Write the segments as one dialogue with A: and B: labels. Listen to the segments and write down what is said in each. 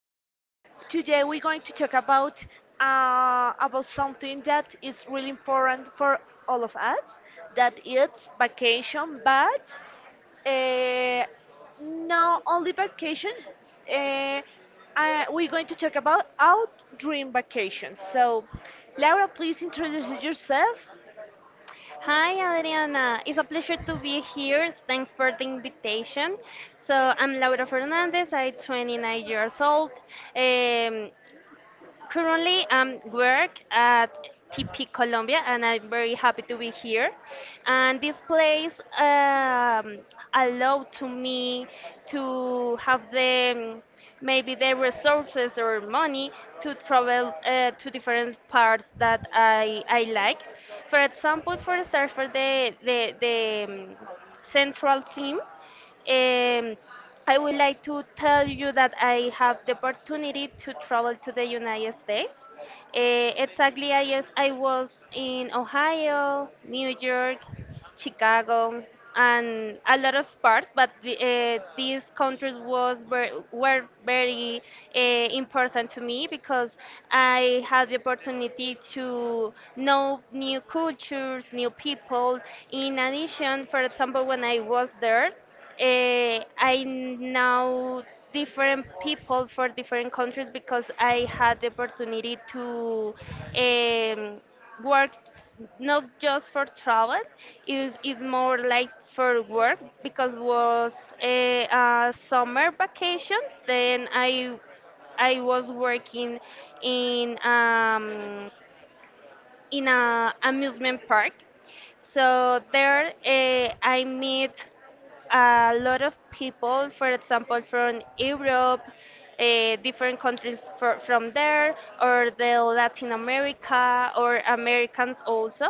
A: Um, Today we're going to talk about about something that is really important for all of us. That it's vacation, but uh, not only vacation. Uh, we're going to talk about our dream vacation. So, Laura, please introduce yourself.
B: Hi, Adriana. It's a pleasure to be here. Thanks for the invitation. So, I'm Laura Fernandez. I'm 29 years old. Um, Currently, I'm work at TP Colombia, and I'm very happy to be here. And this place allowed to me to have the maybe the resources or money to travel to different parts that I like. For example, for start for the central team um, I would like to tell you that I have the opportunity to travel to the United States. Exactly, I, yes, I was in Ohio, New York, Chicago, and a lot of parts, but these countries were very important to me because I had the opportunity to know new cultures, new people. In addition, for example, when I was there, I know different people for different countries because I had the opportunity to um, work, not just for travel, it is more like for work because was a summer vacation. Then I was working in um, in a amusement park. So there, I meet a lot of people, for example, from Europe, different countries from there, or the Latin America, or Americans also.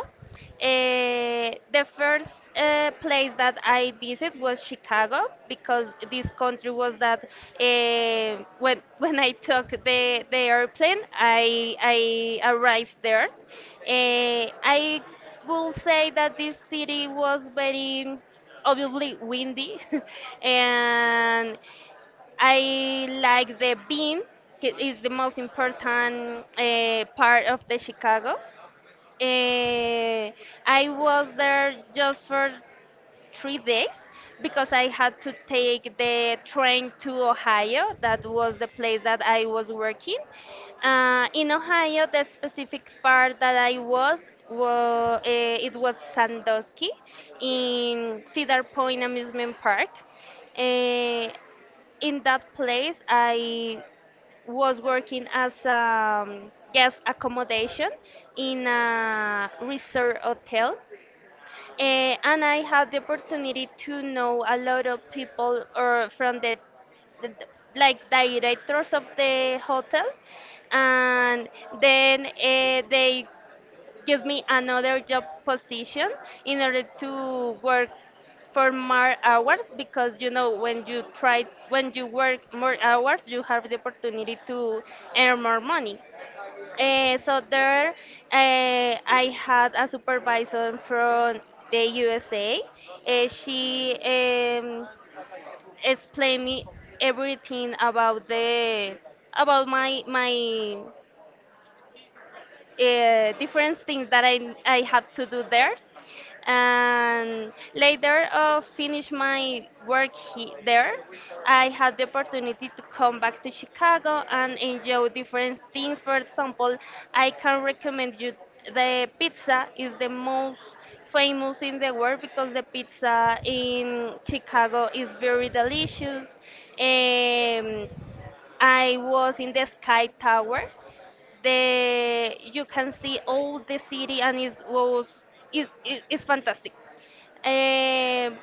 B: The first place that I visited was Chicago because this country was that when when I took the airplane, I arrived there. I will say that this city was very obviously windy and I like the bean. It is the most important part of the chicago Eh, I was there just for 3 days because I had to take the train to Ohio. That was the place that I was working. In Ohio, the specific part that I was, it was Sandusky, in Cedar Point Amusement Park. Eh, in that place, I was working as a guest accommodation in a resort hotel. And I had the opportunity to know a lot of people, or from the, like directors of the hotel, and then they give me another job position in order to work for more hours, because you know, when you try, when you work more hours you have the opportunity to earn more money. Uh, so there, I had a supervisor from the USA. She explained me everything about the about my different things that I have to do there. And later of finish my work there, I had the opportunity to come back to Chicago and enjoy different things. For example, I can recommend you, the pizza is the most famous in the world because the pizza in Chicago is very delicious. Um, I was in the Sky Tower. The You can see all the city and it was is it's fantastic. Um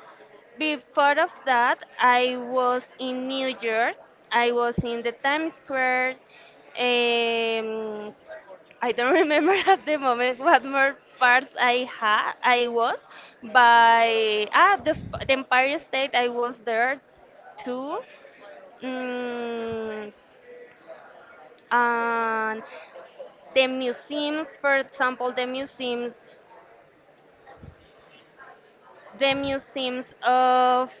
B: before of that, I was in New York. I was in the Times Square. Um, I don't remember at the moment what more parts I had. I was by the Empire State. I was there too. Mm, and the museums, for example, the museums of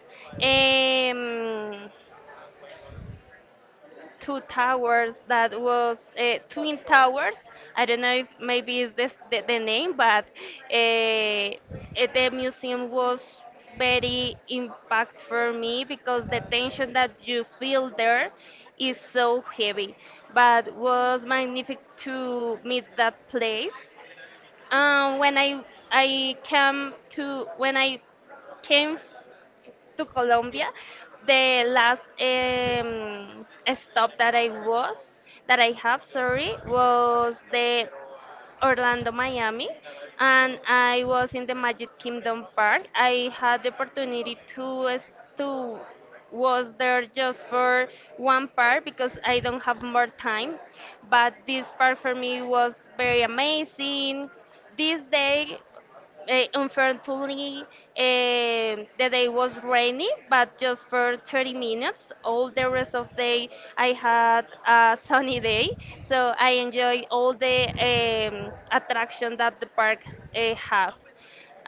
B: um, two towers that was twin towers. I don't know if maybe is this the name, but uh, eh, the museum was very impact for me because the tension that you feel there is so heavy, but was magnificent to meet that place. When I came to Colombia, the last stop that I have, sorry, was the Orlando, Miami, and I was in the Magic Kingdom Park. I had the opportunity to to was there just for one part because I don't have more time. But this part for me was very amazing. This day, unfortunately, the day was rainy, but just for 30 minutes. All the rest of day, I had a sunny day, so I enjoy all the attraction that the park have.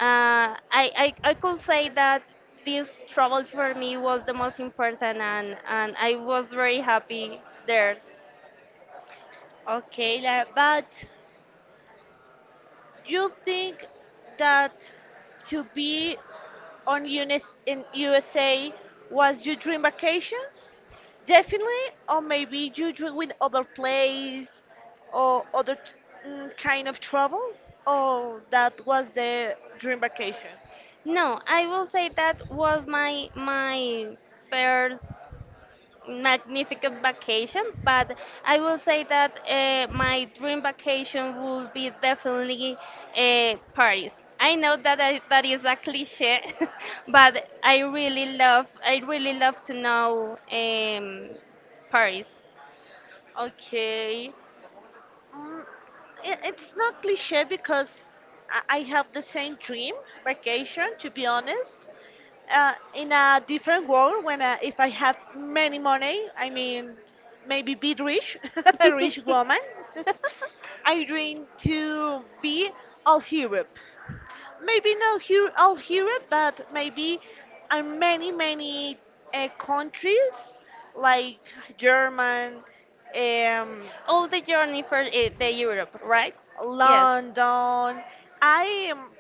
B: I could say that this travel for me was the most important, and I was very happy there.
A: Okay, Lara, but you think that to be on UNIS in USA was your dream vacations? Definitely, or maybe you dream with other place or kind of travel, or that was the dream vacation.
B: No, I will say that was my first magnificent vacation, but I will say that my dream vacation would be definitely Paris. I know that that is a cliche, but I really love to know Paris.
A: Okay, mm, it's not cliche because I have the same dream vacation to be honest, in a different world when if I have many money, I mean maybe be rich, a rich woman. I dream to be all Europe. Maybe not here all Europe, but maybe in many countries like German, um,
B: All the journey for the Europe, right? Yes.
A: London. I am.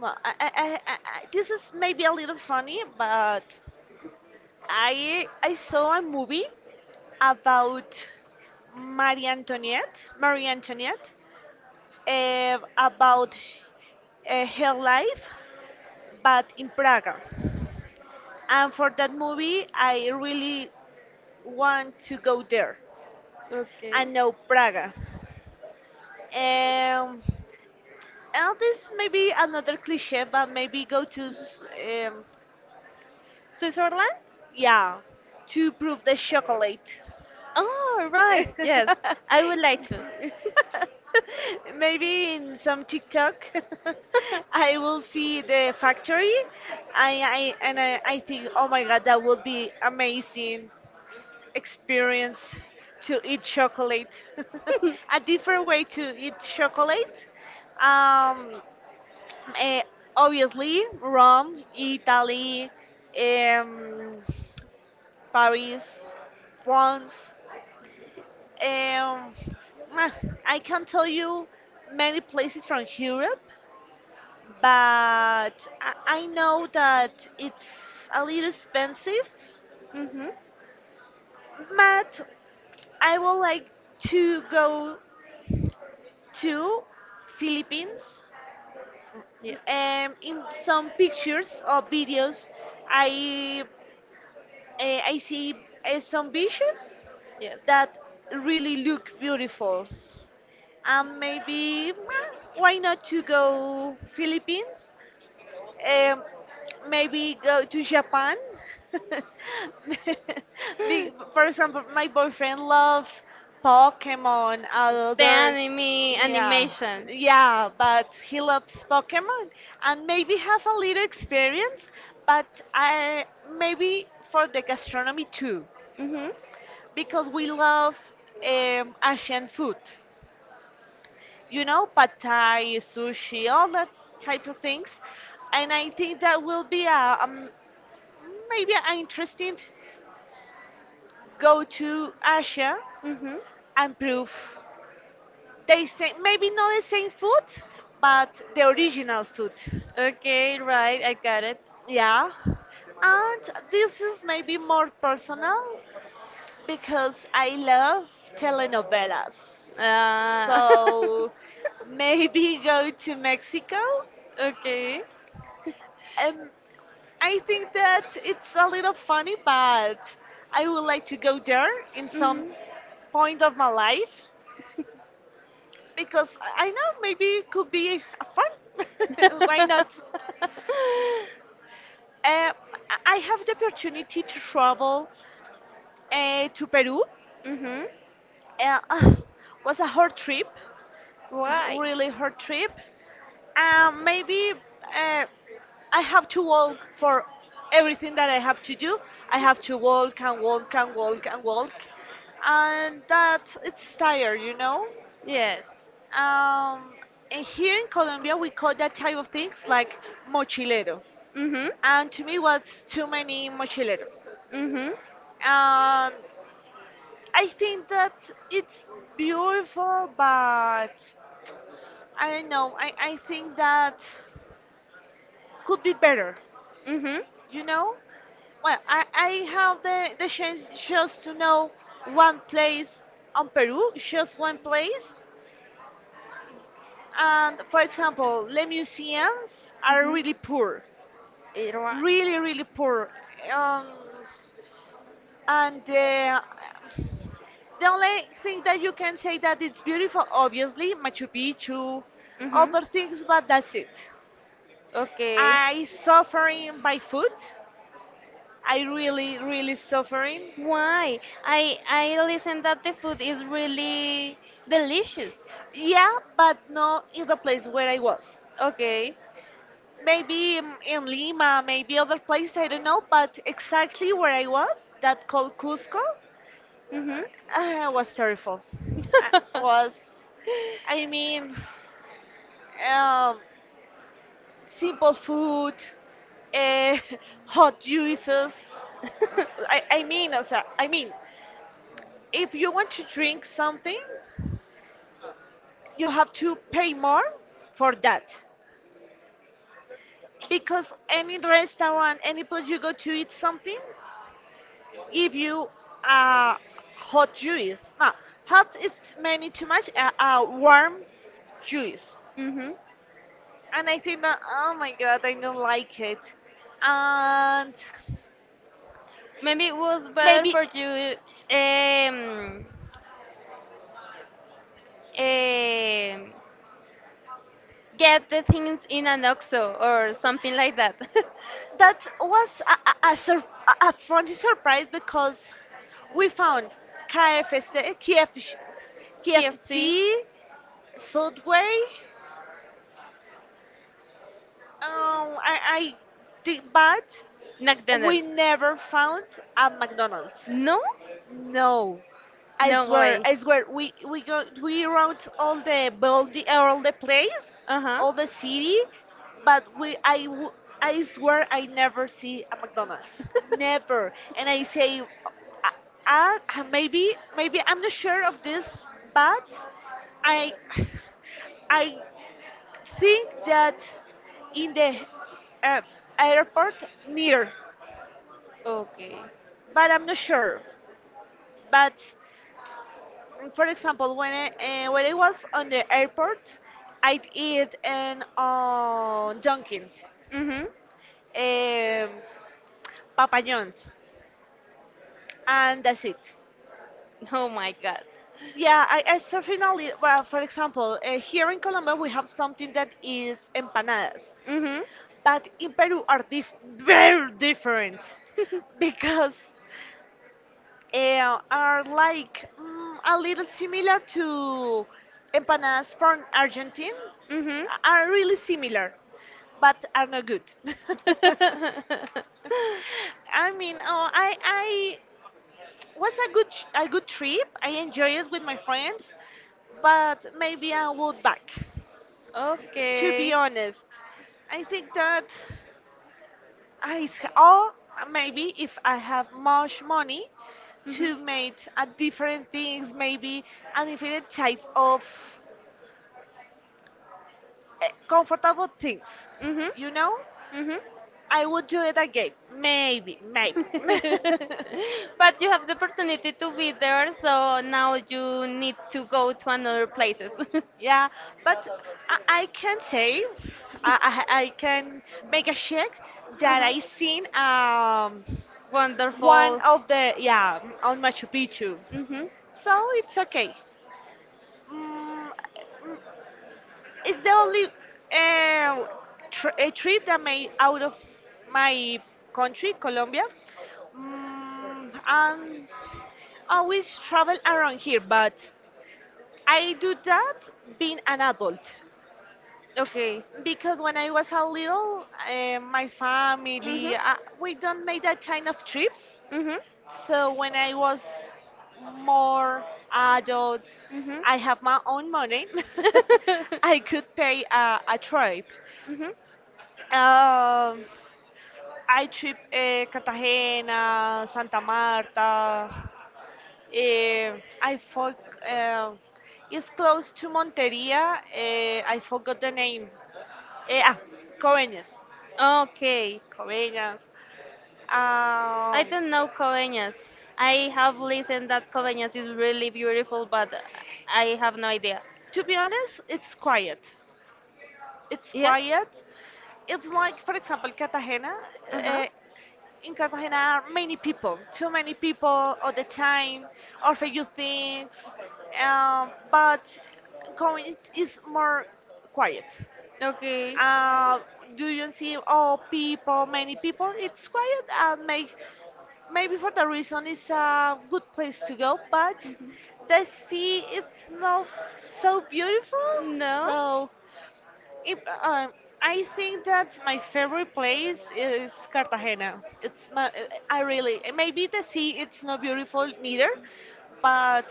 A: Well, this is maybe a little funny, but I saw a movie about Marie Antoinette, Marie Antoinette, about her life, but in Praga. And for that movie, I really want to go there. I
B: Okay.
A: know Praga. Um, and this may be another cliche, but maybe
B: Switzerland?
A: yeah, to prove the chocolate.
B: Oh, right. Yes, I would like to.
A: Maybe in some TikTok, I will see the factory, I think, oh my God, that would be amazing experience to eat chocolate. A different way to eat chocolate. Um, eh, Obviously, Rome, Italy, um, Paris, France. Um, mwah, I can tell you many places from Europe, but I know that it's a little expensive.
B: Mhm.
A: But I would like to go to Philippines.
B: Yes.
A: In some pictures or videos, I I see some beaches
B: Yes.
A: that really look beautiful. And maybe well, why not to go Philippines? Um, Maybe go to Japan. For example, my boyfriend love Pokemon.
B: The
A: Other,
B: anime
A: yeah,
B: animation.
A: yeah, but he loves Pokemon and maybe have a little experience. But I maybe for the gastronomy too,
B: Mhm.
A: because we love Asian food. You know, pad thai, sushi, all that type of things and I think that will be maybe I'm interested go to Asia
B: Mhm.
A: and prove they say maybe not the same food but the original food.
B: Okay, right, I got it.
A: Yeah, and this is maybe more personal because I love telenovelas
B: Uh,
A: so maybe go to Mexico.
B: okay.
A: um, I think that it's a little funny but I would like to go there in some
B: Mhm.
A: point of my life because I know maybe it could be a fun. Why not? Uh, I have the opportunity to travel to Peru.
B: mhm.
A: Uh, uh, was a hard trip,
B: Why?
A: really hard trip. Maybe uh, I have to walk for everything that I have to do. I have to walk and walk and walk and walk, and that it's tired, you know.
B: Yes.
A: Um, and here in Colombia, we call that type of things like mochilero.
B: Mhm.
A: And to me was too many mochileros.
B: Mhm.
A: Um, I think that it's beautiful, but I don't know. I think that could be better,
B: Mhm.
A: you know? Well, I have the chance just to know one place on Peru, just one place. And for example, the museums are
B: Mhm.
A: really poor,
B: It wa-
A: really, really poor. Um, And the only thing that you can say that it's beautiful, obviously, Machu Picchu,
B: Mhm.
A: other things, but that's it.
B: Okay.
A: I suffering by food. I really, really suffering.
B: Why? I listen that the food is really delicious.
A: Yeah, but not in the place where I was.
B: Okay.
A: Maybe in Lima, maybe other place, I don't know, but exactly where I was, that called Cusco,
B: Mhm.
A: was terrible. I mean, um, simple food, uh, hot juices. I mean, if you want to drink something, you have to pay more for that. Because any restaurant, any place you go to eat something, give you a hot juice. No, hot is many too much, a warm juice.
B: mhm.
A: And I think that, oh my god, I don't like it. And
B: Maybe it was better
A: maybe
B: for you um eh, get the things in an OXXO or something like that.
A: that was a, a, sur- a funny surprise because we found KFC,
B: KFC,
A: Subway. I think, but
B: McDonald's.
A: we never found a McDonald's.
B: No?
A: No,
B: No way.
A: I swear, we round all the building, all the place,
B: Uh huh.
A: all the city, but I swear I never see a McDonald's, never. And I say, maybe maybe I'm not sure of this, but I I think that in the uh, airport near,
B: Okay.
A: but I'm not sure, but for example, when I was on the airport, I'd eat an Dunkin',
B: Mhm.
A: um, Papa John's, and that's it.
B: Oh my god.
A: Yeah, I certainly. Well, for example, here in Colombia we have something that is empanadas,
B: Mhm.
A: but in Peru are very different because are like mm, a little similar to empanadas from Argentina,
B: Mhm.
A: are really similar, but are not good. I mean, oh, I was a a good trip. I enjoyed it with my friends, but maybe I would back. To be
B: okay.
A: honest, I think that. Or maybe if I have much money
B: Mhm.
A: to make a different things, maybe a different type of comfortable things,
B: Mhm.
A: you know,
B: Mhm.
A: I would do it again. Maybe, maybe.
B: But you have the opportunity to be there, so now you need to go to another places.
A: Yeah, but I, I can say, I can make a check that
B: Uh-huh.
A: I seen one
B: Wonderful.
A: of the yeah on Machu Picchu,
B: Mhm.
A: so it's okay. Mm, it's the only uh, a trip that made out of my country, Colombia. Mm, um, Always travel around here, but I do that being an adult
B: Okay.
A: because when I was a little, my family
B: Mhm.
A: we don't make that kind of trips.
B: Mhm.
A: So when I was more adult,
B: Mhm.
A: I have my own money. I could pay a trip.
B: Mhm.
A: Um, I trip Cartagena, Santa Marta. Uh, I for, uh, it's close to Monteria. I forgot the name. Eh, ah, Coveñas.
B: Okay.
A: Coveñas. Um,
B: I don't know Coveñas. I have listened that Coveñas is really beautiful, but I have no idea.
A: to be honest, it's quiet. It's
B: Yes.
A: quiet. It's like, for example, Cartagena.
B: Uh huh.
A: Uh, in Cartagena, are many people, too many people all the time, offer you things, but Corinth is more quiet.
B: Okay.
A: Uh, do you see all people, many people? It's quiet and make, maybe for that reason it's a good place to go, but the sea is not so beautiful,
B: No?
A: so if, I think that my favorite place is Cartagena. It's my, I really, and maybe the sea it's not beautiful neither, but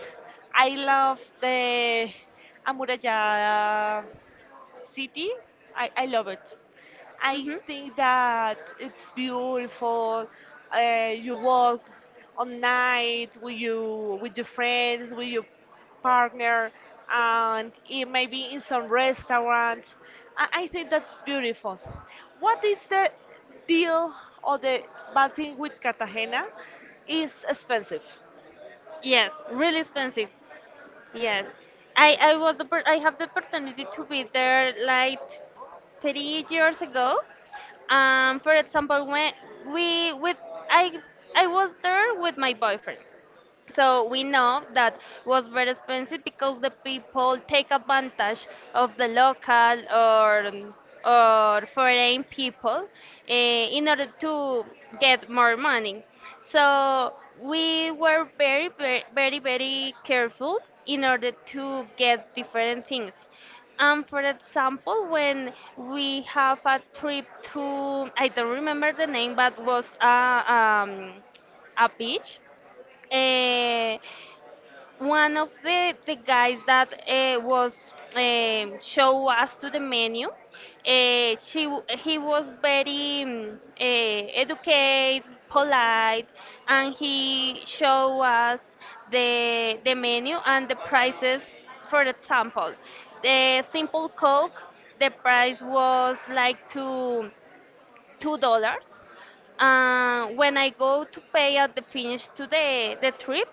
A: I love the Amurallada city. I love it. I think that it's beautiful. You walk on night with you with your friends, with your partner, and it maybe in some restaurant. I think that's beautiful. What is the deal or the bad thing with Cartagena? Is expensive.
B: Yes, really expensive. Yes, I have the opportunity to be there like 30 years ago. For example, when we with I I was there with my boyfriend. So we know that was very expensive because the people take advantage of the local, or foreign people in order to get more money. So we were very very very very careful in order to get different things. For example, when we have a trip to, I don't remember the name, but was a beach. uh, One of the guys that was show us to the menu, he was very educated, polite, and he show us the menu and the prices. For example, the simple coke, the price was like to $2. When I go to pay at the finish to the trip,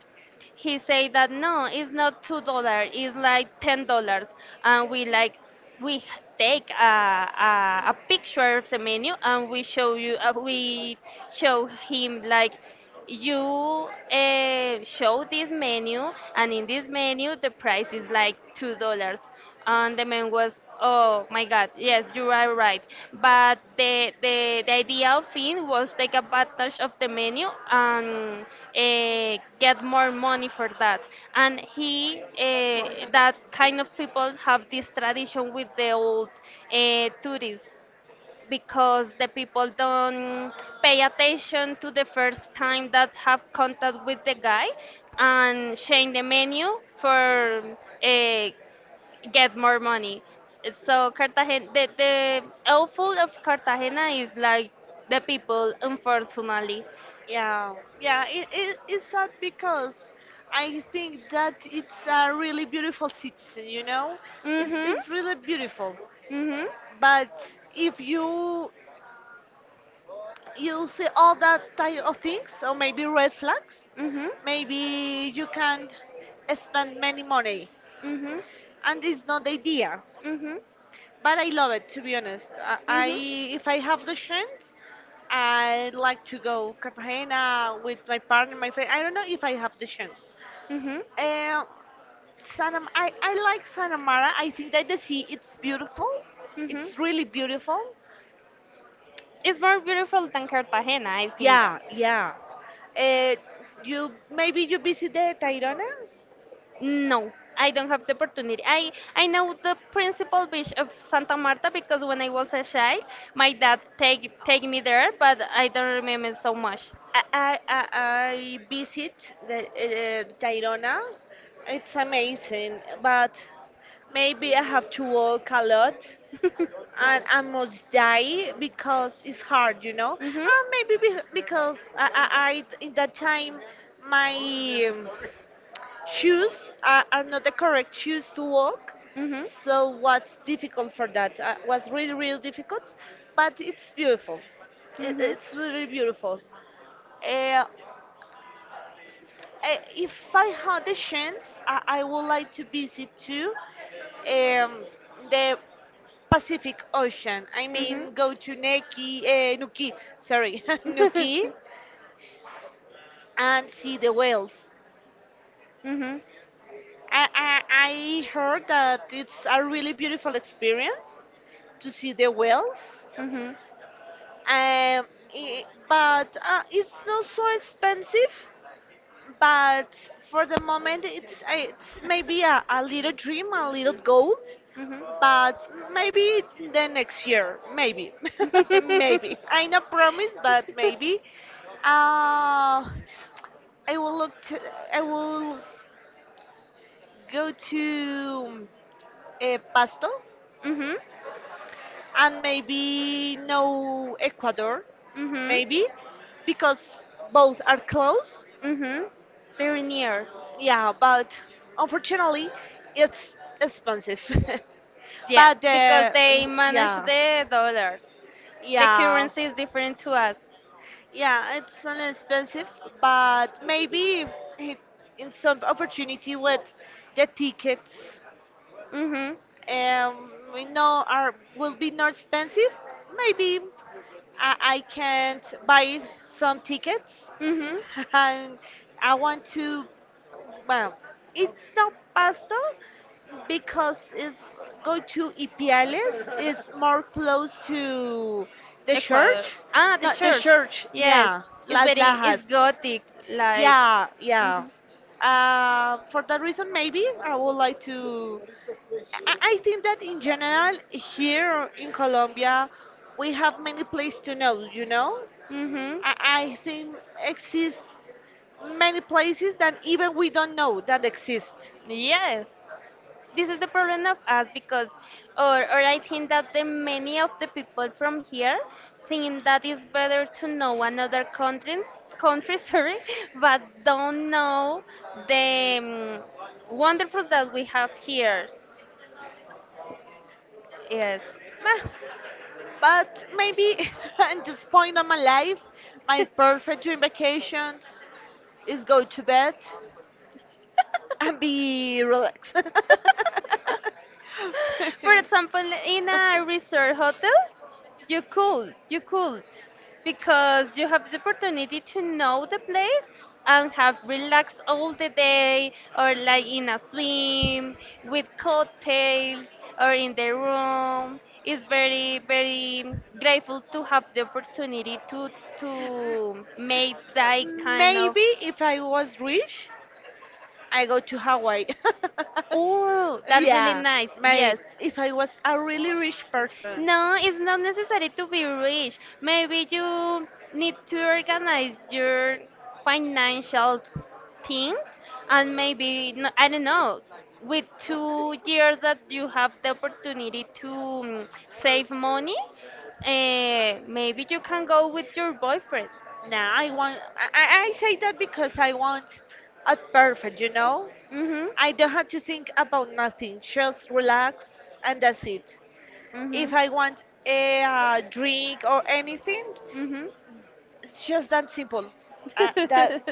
B: he said that no, it's not $2, it's like $10, and we like we h- take a picture of the menu and we show you, we show him, like, you show this menu, and in this menu the price is like $2. And the man was, oh my God, yes, you are right. But the idea of it was take advantage of the menu and get more money for that. And that kind of people have this tradition with the old tourists because the people don't pay attention to the first time that have contact with the guy and change the menu for uh, get more money. S- so Cartagena, the awful of Cartagena is like the people, unfortunately.
A: Yeah, yeah, it's sad because I think that it's a really beautiful city, you know?
B: Mhm.
A: It's really beautiful.
B: Mhm.
A: But if you see all that type of things, or maybe red flags,
B: Mhm.
A: maybe you can't spend many money.
B: Mhm.
A: And it's not the idea.
B: Mhm.
A: But I love it, to be honest. I
B: Mhm.
A: if I have the chance, I like to go Cartagena with my partner, my friend. I don't know if I have the chance.
B: Mhm.
A: Um, I like Santa Mara. I think that the sea it's beautiful.
B: Mhm.
A: It's really beautiful.
B: It's more beautiful than Cartagena, I think that.
A: Yeah, yeah. Uh, you Maybe you visit the Tayrona.
B: No, I don't have the opportunity. I know the principal beach of Santa Marta because when I was a child, my dad take me there, but I don't remember so much.
A: I visit the Tayrona. It's amazing, but maybe I have to walk a lot and I must die because it's hard, you know.
B: Mhm.
A: And maybe because I in that time my shoes are not the correct shoes to walk
B: Mhm.
A: so was difficult for that was really really difficult but it's beautiful, it,
B: Mhm.
A: it's really beautiful. uh, uh, if I had the chance I would like to visit too um, the Pacific Ocean, I
B: Mhm.
A: mean go to neki nuki sorry nuki and see the whales.
B: Mhm.
A: I, I, I heard that it's a really beautiful experience to see the whales,
B: Mhm.
A: um, but it's not so expensive. But for the moment, it's maybe a little dream, a little goal,
B: Mhm.
A: but maybe the next year, maybe, maybe. I not promise, but maybe. Uh, I will look. I will go to Pasto
B: Mhm.
A: and maybe no Ecuador,
B: Mhm.
A: maybe, because both are close.
B: Mhm. Very near.
A: Yeah, but unfortunately, it's expensive.
B: Yes,
A: But
B: because they manage
A: yeah,
B: the dollars. The
A: yeah,
B: currency is different to us.
A: yeah, it's an expensive, but maybe if in some opportunity with the tickets,
B: Mhm.
A: we know are will be not expensive. Maybe I can't buy some tickets
B: Mhm.
A: and I want to, well, it's not pasta because it's going to Ipiales. It's more close to the
B: Ecuador.
A: church.
B: Ah, the
A: Not the
B: church.
A: church,
B: Yes.
A: yeah,
B: It's
A: Las
B: very it's
A: Lajas.
B: gothic like.
A: Yeah.
B: Mhm.
A: For that reason maybe I would like to, I think that in general here in Colombia we have many places to know.
B: Mhm.
A: I think exist many places that even we don't know that exist.
B: Yes. This is the problem of us, because or I think that the many of the people from here think that it's better to know another countries, country, sorry, but don't know the wonderful that we have here. Yes.
A: Meh. But maybe, at this point of my life, my perfect dream vacations is go to bed and be relaxed.
B: For example, in a resort hotel, you could, because you have the opportunity to know the place and have relaxed all the day, or like in a swim with cocktails, or in the room. It's very, very grateful to have the opportunity to make that kind of.
A: Maybe if I was rich, I go to Hawaii.
B: Oh, that really
A: Yeah,
B: nice.
A: my,
B: Yes.
A: if I was a really rich person.
B: No, it's not necessary to be rich. Maybe you need to organize your financial things, and maybe, I don't know, with 2 years that you have the opportunity to save money, maybe you can go with your boyfriend.
A: Nah, I want. I say that because I want a perfect. You know,
B: Mm-hmm.
A: I don't have to think about nothing. Just relax, and that's it.
B: Mm-hmm.
A: If I want a drink or anything,
B: Mm-hmm.
A: it's just that simple. That's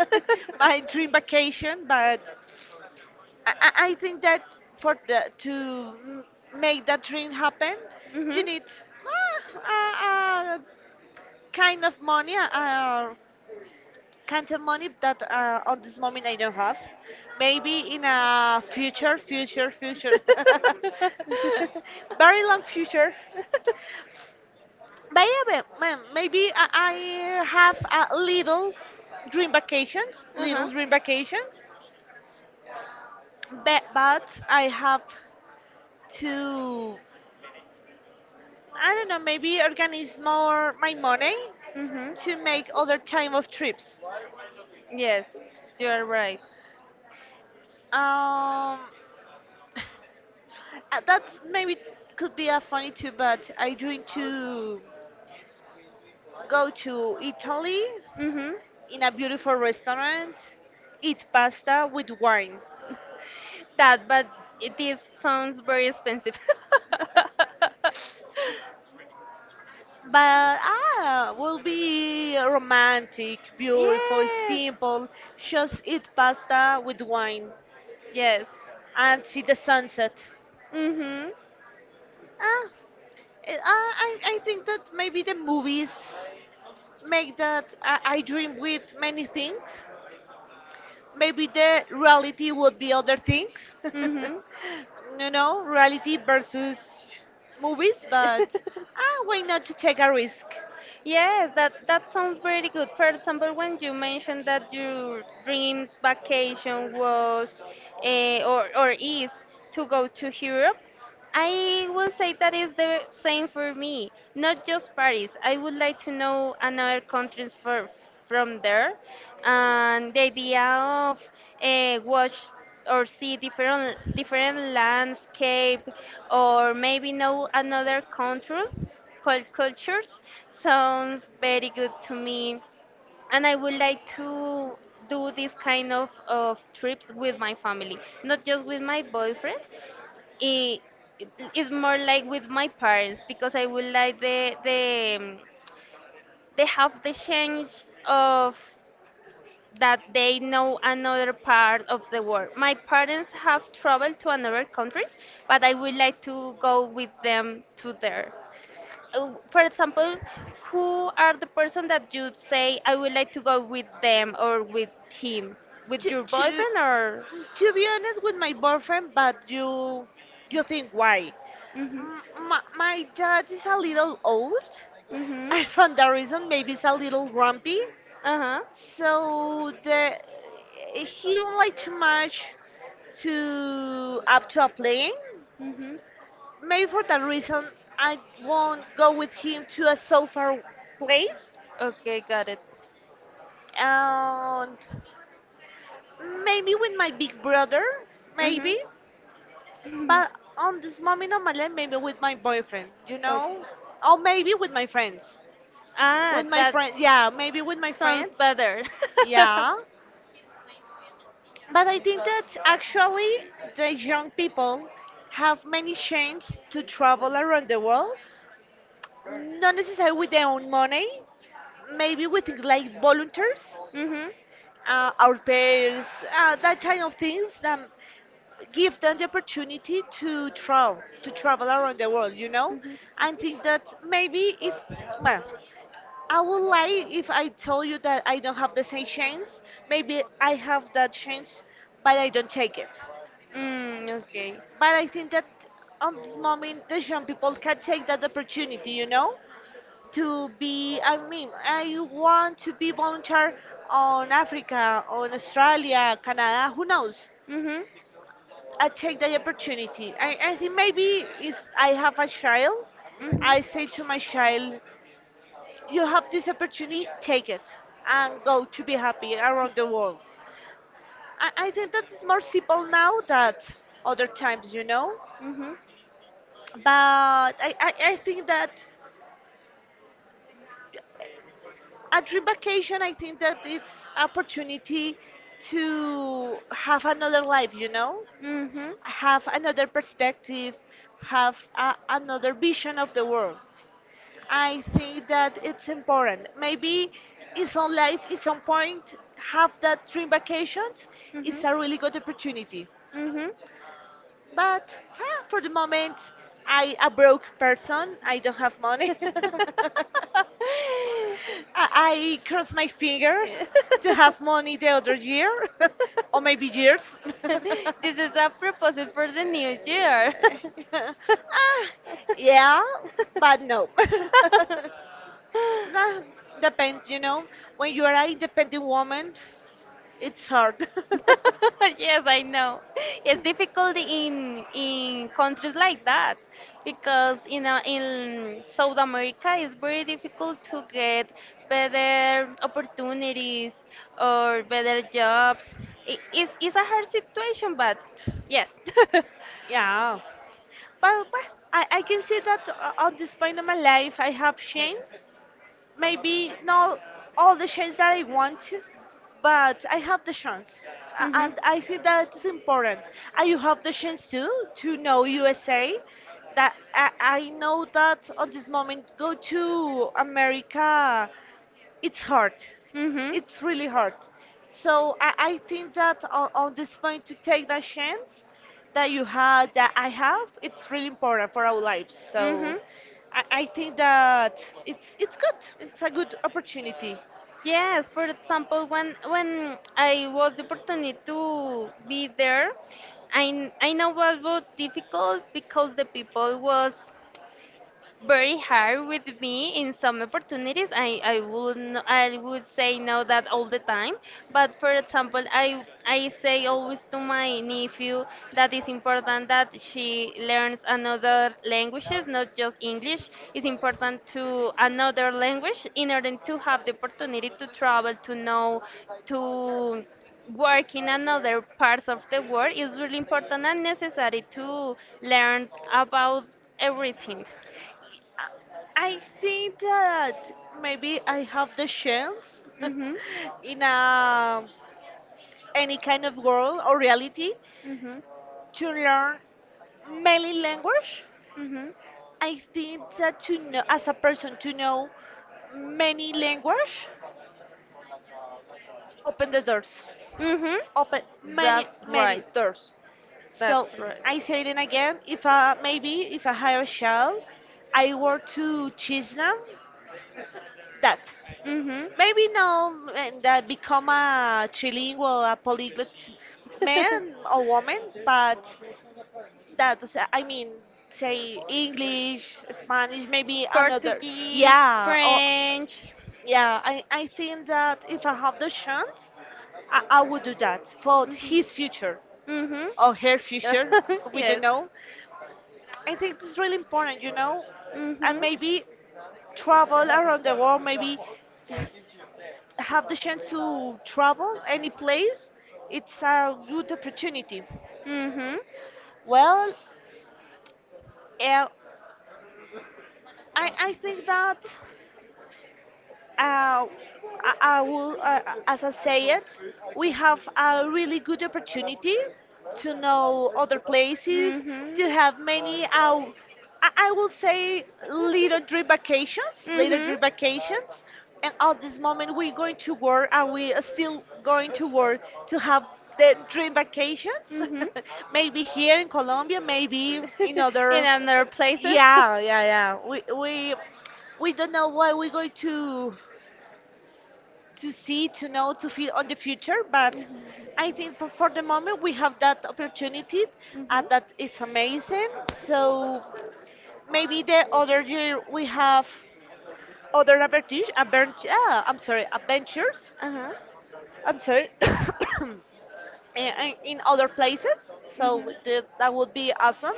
A: my dream vacation. But I think that for the to m- make that dream happen, you
B: Mhm.
A: need a kind of money. Kind of money that on this moment I don't have. Maybe in a future, future, future, very long future. Maybe I have a
B: uh huh.
A: little dream vacations, but I have to, I don't know, maybe organize more my money
B: Mm-hmm.
A: to make other time of trips.
B: Yes, you are right.
A: Um, that's maybe could be a funny too, but I dream to go to Italy
B: Mm-hmm.
A: in a beautiful restaurant, eat pasta with wine.
B: That, but it is sounds very expensive.
A: But will be romantic, beautiful,
B: Yes,
A: simple. Just eat pasta with wine
B: yes.
A: and see the sunset.
B: Mm-hmm.
A: Ah, I think that maybe the movies make that I dream with many things. Maybe the reality would be other things.
B: Mm-hmm.
A: You know, reality versus movies. But why not to take a risk.
B: Yes, that sounds pretty good. For example, when you mentioned that your dreams vacation was eh, or is to go to Europe, I will say that is the same for me. Not just Paris. I would like to know another countries for from there, and the idea of watch or see different landscape, or maybe know another countries, cultures, sounds very good to me, and I would like to do this kind of trips with my family, not just with my boyfriend. It, it's more like with my parents because I would like they have the change of that they know another part of the world. My parents have traveled to another countries, but I would like to go with them to there. For example, who are the person that you say I would like to go with them or with him? With
A: to,
B: your
A: to
B: boyfriend or?
A: to be honest, with my boyfriend. But you think why.
B: Mhm.
A: M- my dad is a little old
B: Mhm.
A: and for that reason maybe it's a little grumpy.
B: Uh huh.
A: So the, he don't like too much to up to a plane.
B: Mhm.
A: Maybe for that reason, I won't go with him to a so far place.
B: Okay, got it.
A: And maybe with my big brother,
B: Mhm.
A: maybe.
B: Mhm.
A: But on this moment of my life, maybe with my boyfriend, you
B: Okay.
A: know? Or maybe with my friends.
B: Ah,
A: With my
B: that
A: friends, yeah, maybe with my
B: sounds
A: friends.
B: better.
A: Yeah. But I think that actually the young people have many chances to travel around the world, not necessarily with their own money. Maybe we think like volunteers,
B: mhm.
A: our pairs, that kind of things that give them the opportunity to travel around the world, you know?
B: Mhm.
A: I think that maybe if, well, I would lie if I tell you that I don't have the same chance. Maybe I have that chance, but I don't take it.
B: Mm, okay.
A: But I think that on this moment, the young people can take that opportunity, you know? To be, I mean, I want to be volunteer on Africa, on Australia, Canada, who knows.
B: Mhm.
A: I take the opportunity. I think maybe is I have a child, I
B: Mhm.
A: say to my child, you have this opportunity, take it, and go to be happy around the world. I think that is more simple now than other times, you know.
B: Mhm.
A: But I think that a dream vacation, I think that it's opportunity to have another life, you know.
B: Mhm.
A: Have another perspective, have another vision of the world. I think that it's important. Maybe in some life, in some point, have that dream vacations is
B: Mhm.
A: a really good opportunity.
B: Mhm.
A: But for the moment, I a broke person, I don't have money.
B: This
A: I cross my fingers to have money the other year, or maybe years.
B: is a proposal for the new year.
A: Ah, yeah, but no. Nah, depends, you know. When you are an independent woman, it's hard.
B: Yes, I know. It's difficult in countries like that because in South America it's very difficult to get better opportunities or better jobs. It's a hard situation, but yes.
A: Yeah, but I can see that on this point of my life, I have changed, maybe not all the shades that I want to, but I have the chance. A-
B: Mm-hmm.
A: And I think that is important. And you have the chance too, to know USA. That I know that at this moment, go to America, it's hard.
B: Mm-hmm.
A: It's really hard. So I think that on this point, to take that chance that you had, that I have, it's really important for our lives. So
B: Mm-hmm.
A: I think that it's good. It's a good opportunity.
B: Yes, for example, when I was the opportunity to be there, I know what was difficult because the people was very hard with me in some opportunities. I would say no that all the time. But for example, I say always to my nephew that it's important that she learns another languages, not just English. It's important to another language in order to have the opportunity to travel, to know, to work in another parts of the world. It's really important and necessary to learn about everything.
A: I I think that maybe I have the chance
B: Mhm.
A: in a any kind of world or reality
B: Mhm.
A: to learn many language.
B: Mhm.
A: I think that to know, as a person, to know many language, open the doors,
B: Mhm.
A: open many
B: That's
A: many
B: right.
A: doors. So
B: That's right.
A: I say it again. If I, maybe if I hire a child, I work to teach them that.
B: Mhm.
A: Maybe now, and that become a trilingual, a polyglot man or woman, but that was, I mean, say English, Spanish, maybe another.
B: Portuguese,
A: Yeah, or
B: French.
A: yeah, I think that if I have the chance, I would do that for his future
B: Mhm.
A: or her future. We don't
B: yes.
A: know. I think it's really important, you know. And
B: Mhm.
A: maybe travel around the world, maybe have the chance to travel any place. It's a good opportunity.
B: Mhm.
A: Well, uh, I think that uh, I will, as I say it, we have a really good opportunity to know other places, to have many, I will say, little dream vacations, little
B: Mhm.
A: dream vacations. And at this moment, we're going to
B: Mhm.
A: work, and we are still going to work to have the dream vacations.
B: Hmm.
A: Maybe here in Colombia, maybe in
B: In
A: other.
B: other places?
A: Yeah, yeah, yeah. We don't know what we're going to see, to know, to feel on the future. But I think for the moment we have that opportunity,
B: Mm-hmm.
A: and that it's amazing. So maybe the other year we have other adventures. I'm sorry, adventures.
B: Uh-huh.
A: I'm sorry. In other places. So the,
B: Mm-hmm.
A: that would be awesome.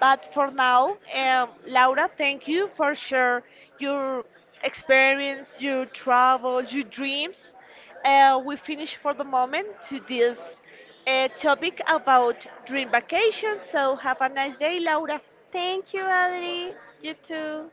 A: But for now, Laura, thank you for share your experience, your travel, your dreams. We finish for the moment to this topic about dream vacation. So have a nice day, Laura.
B: Thank you, Ali. You too.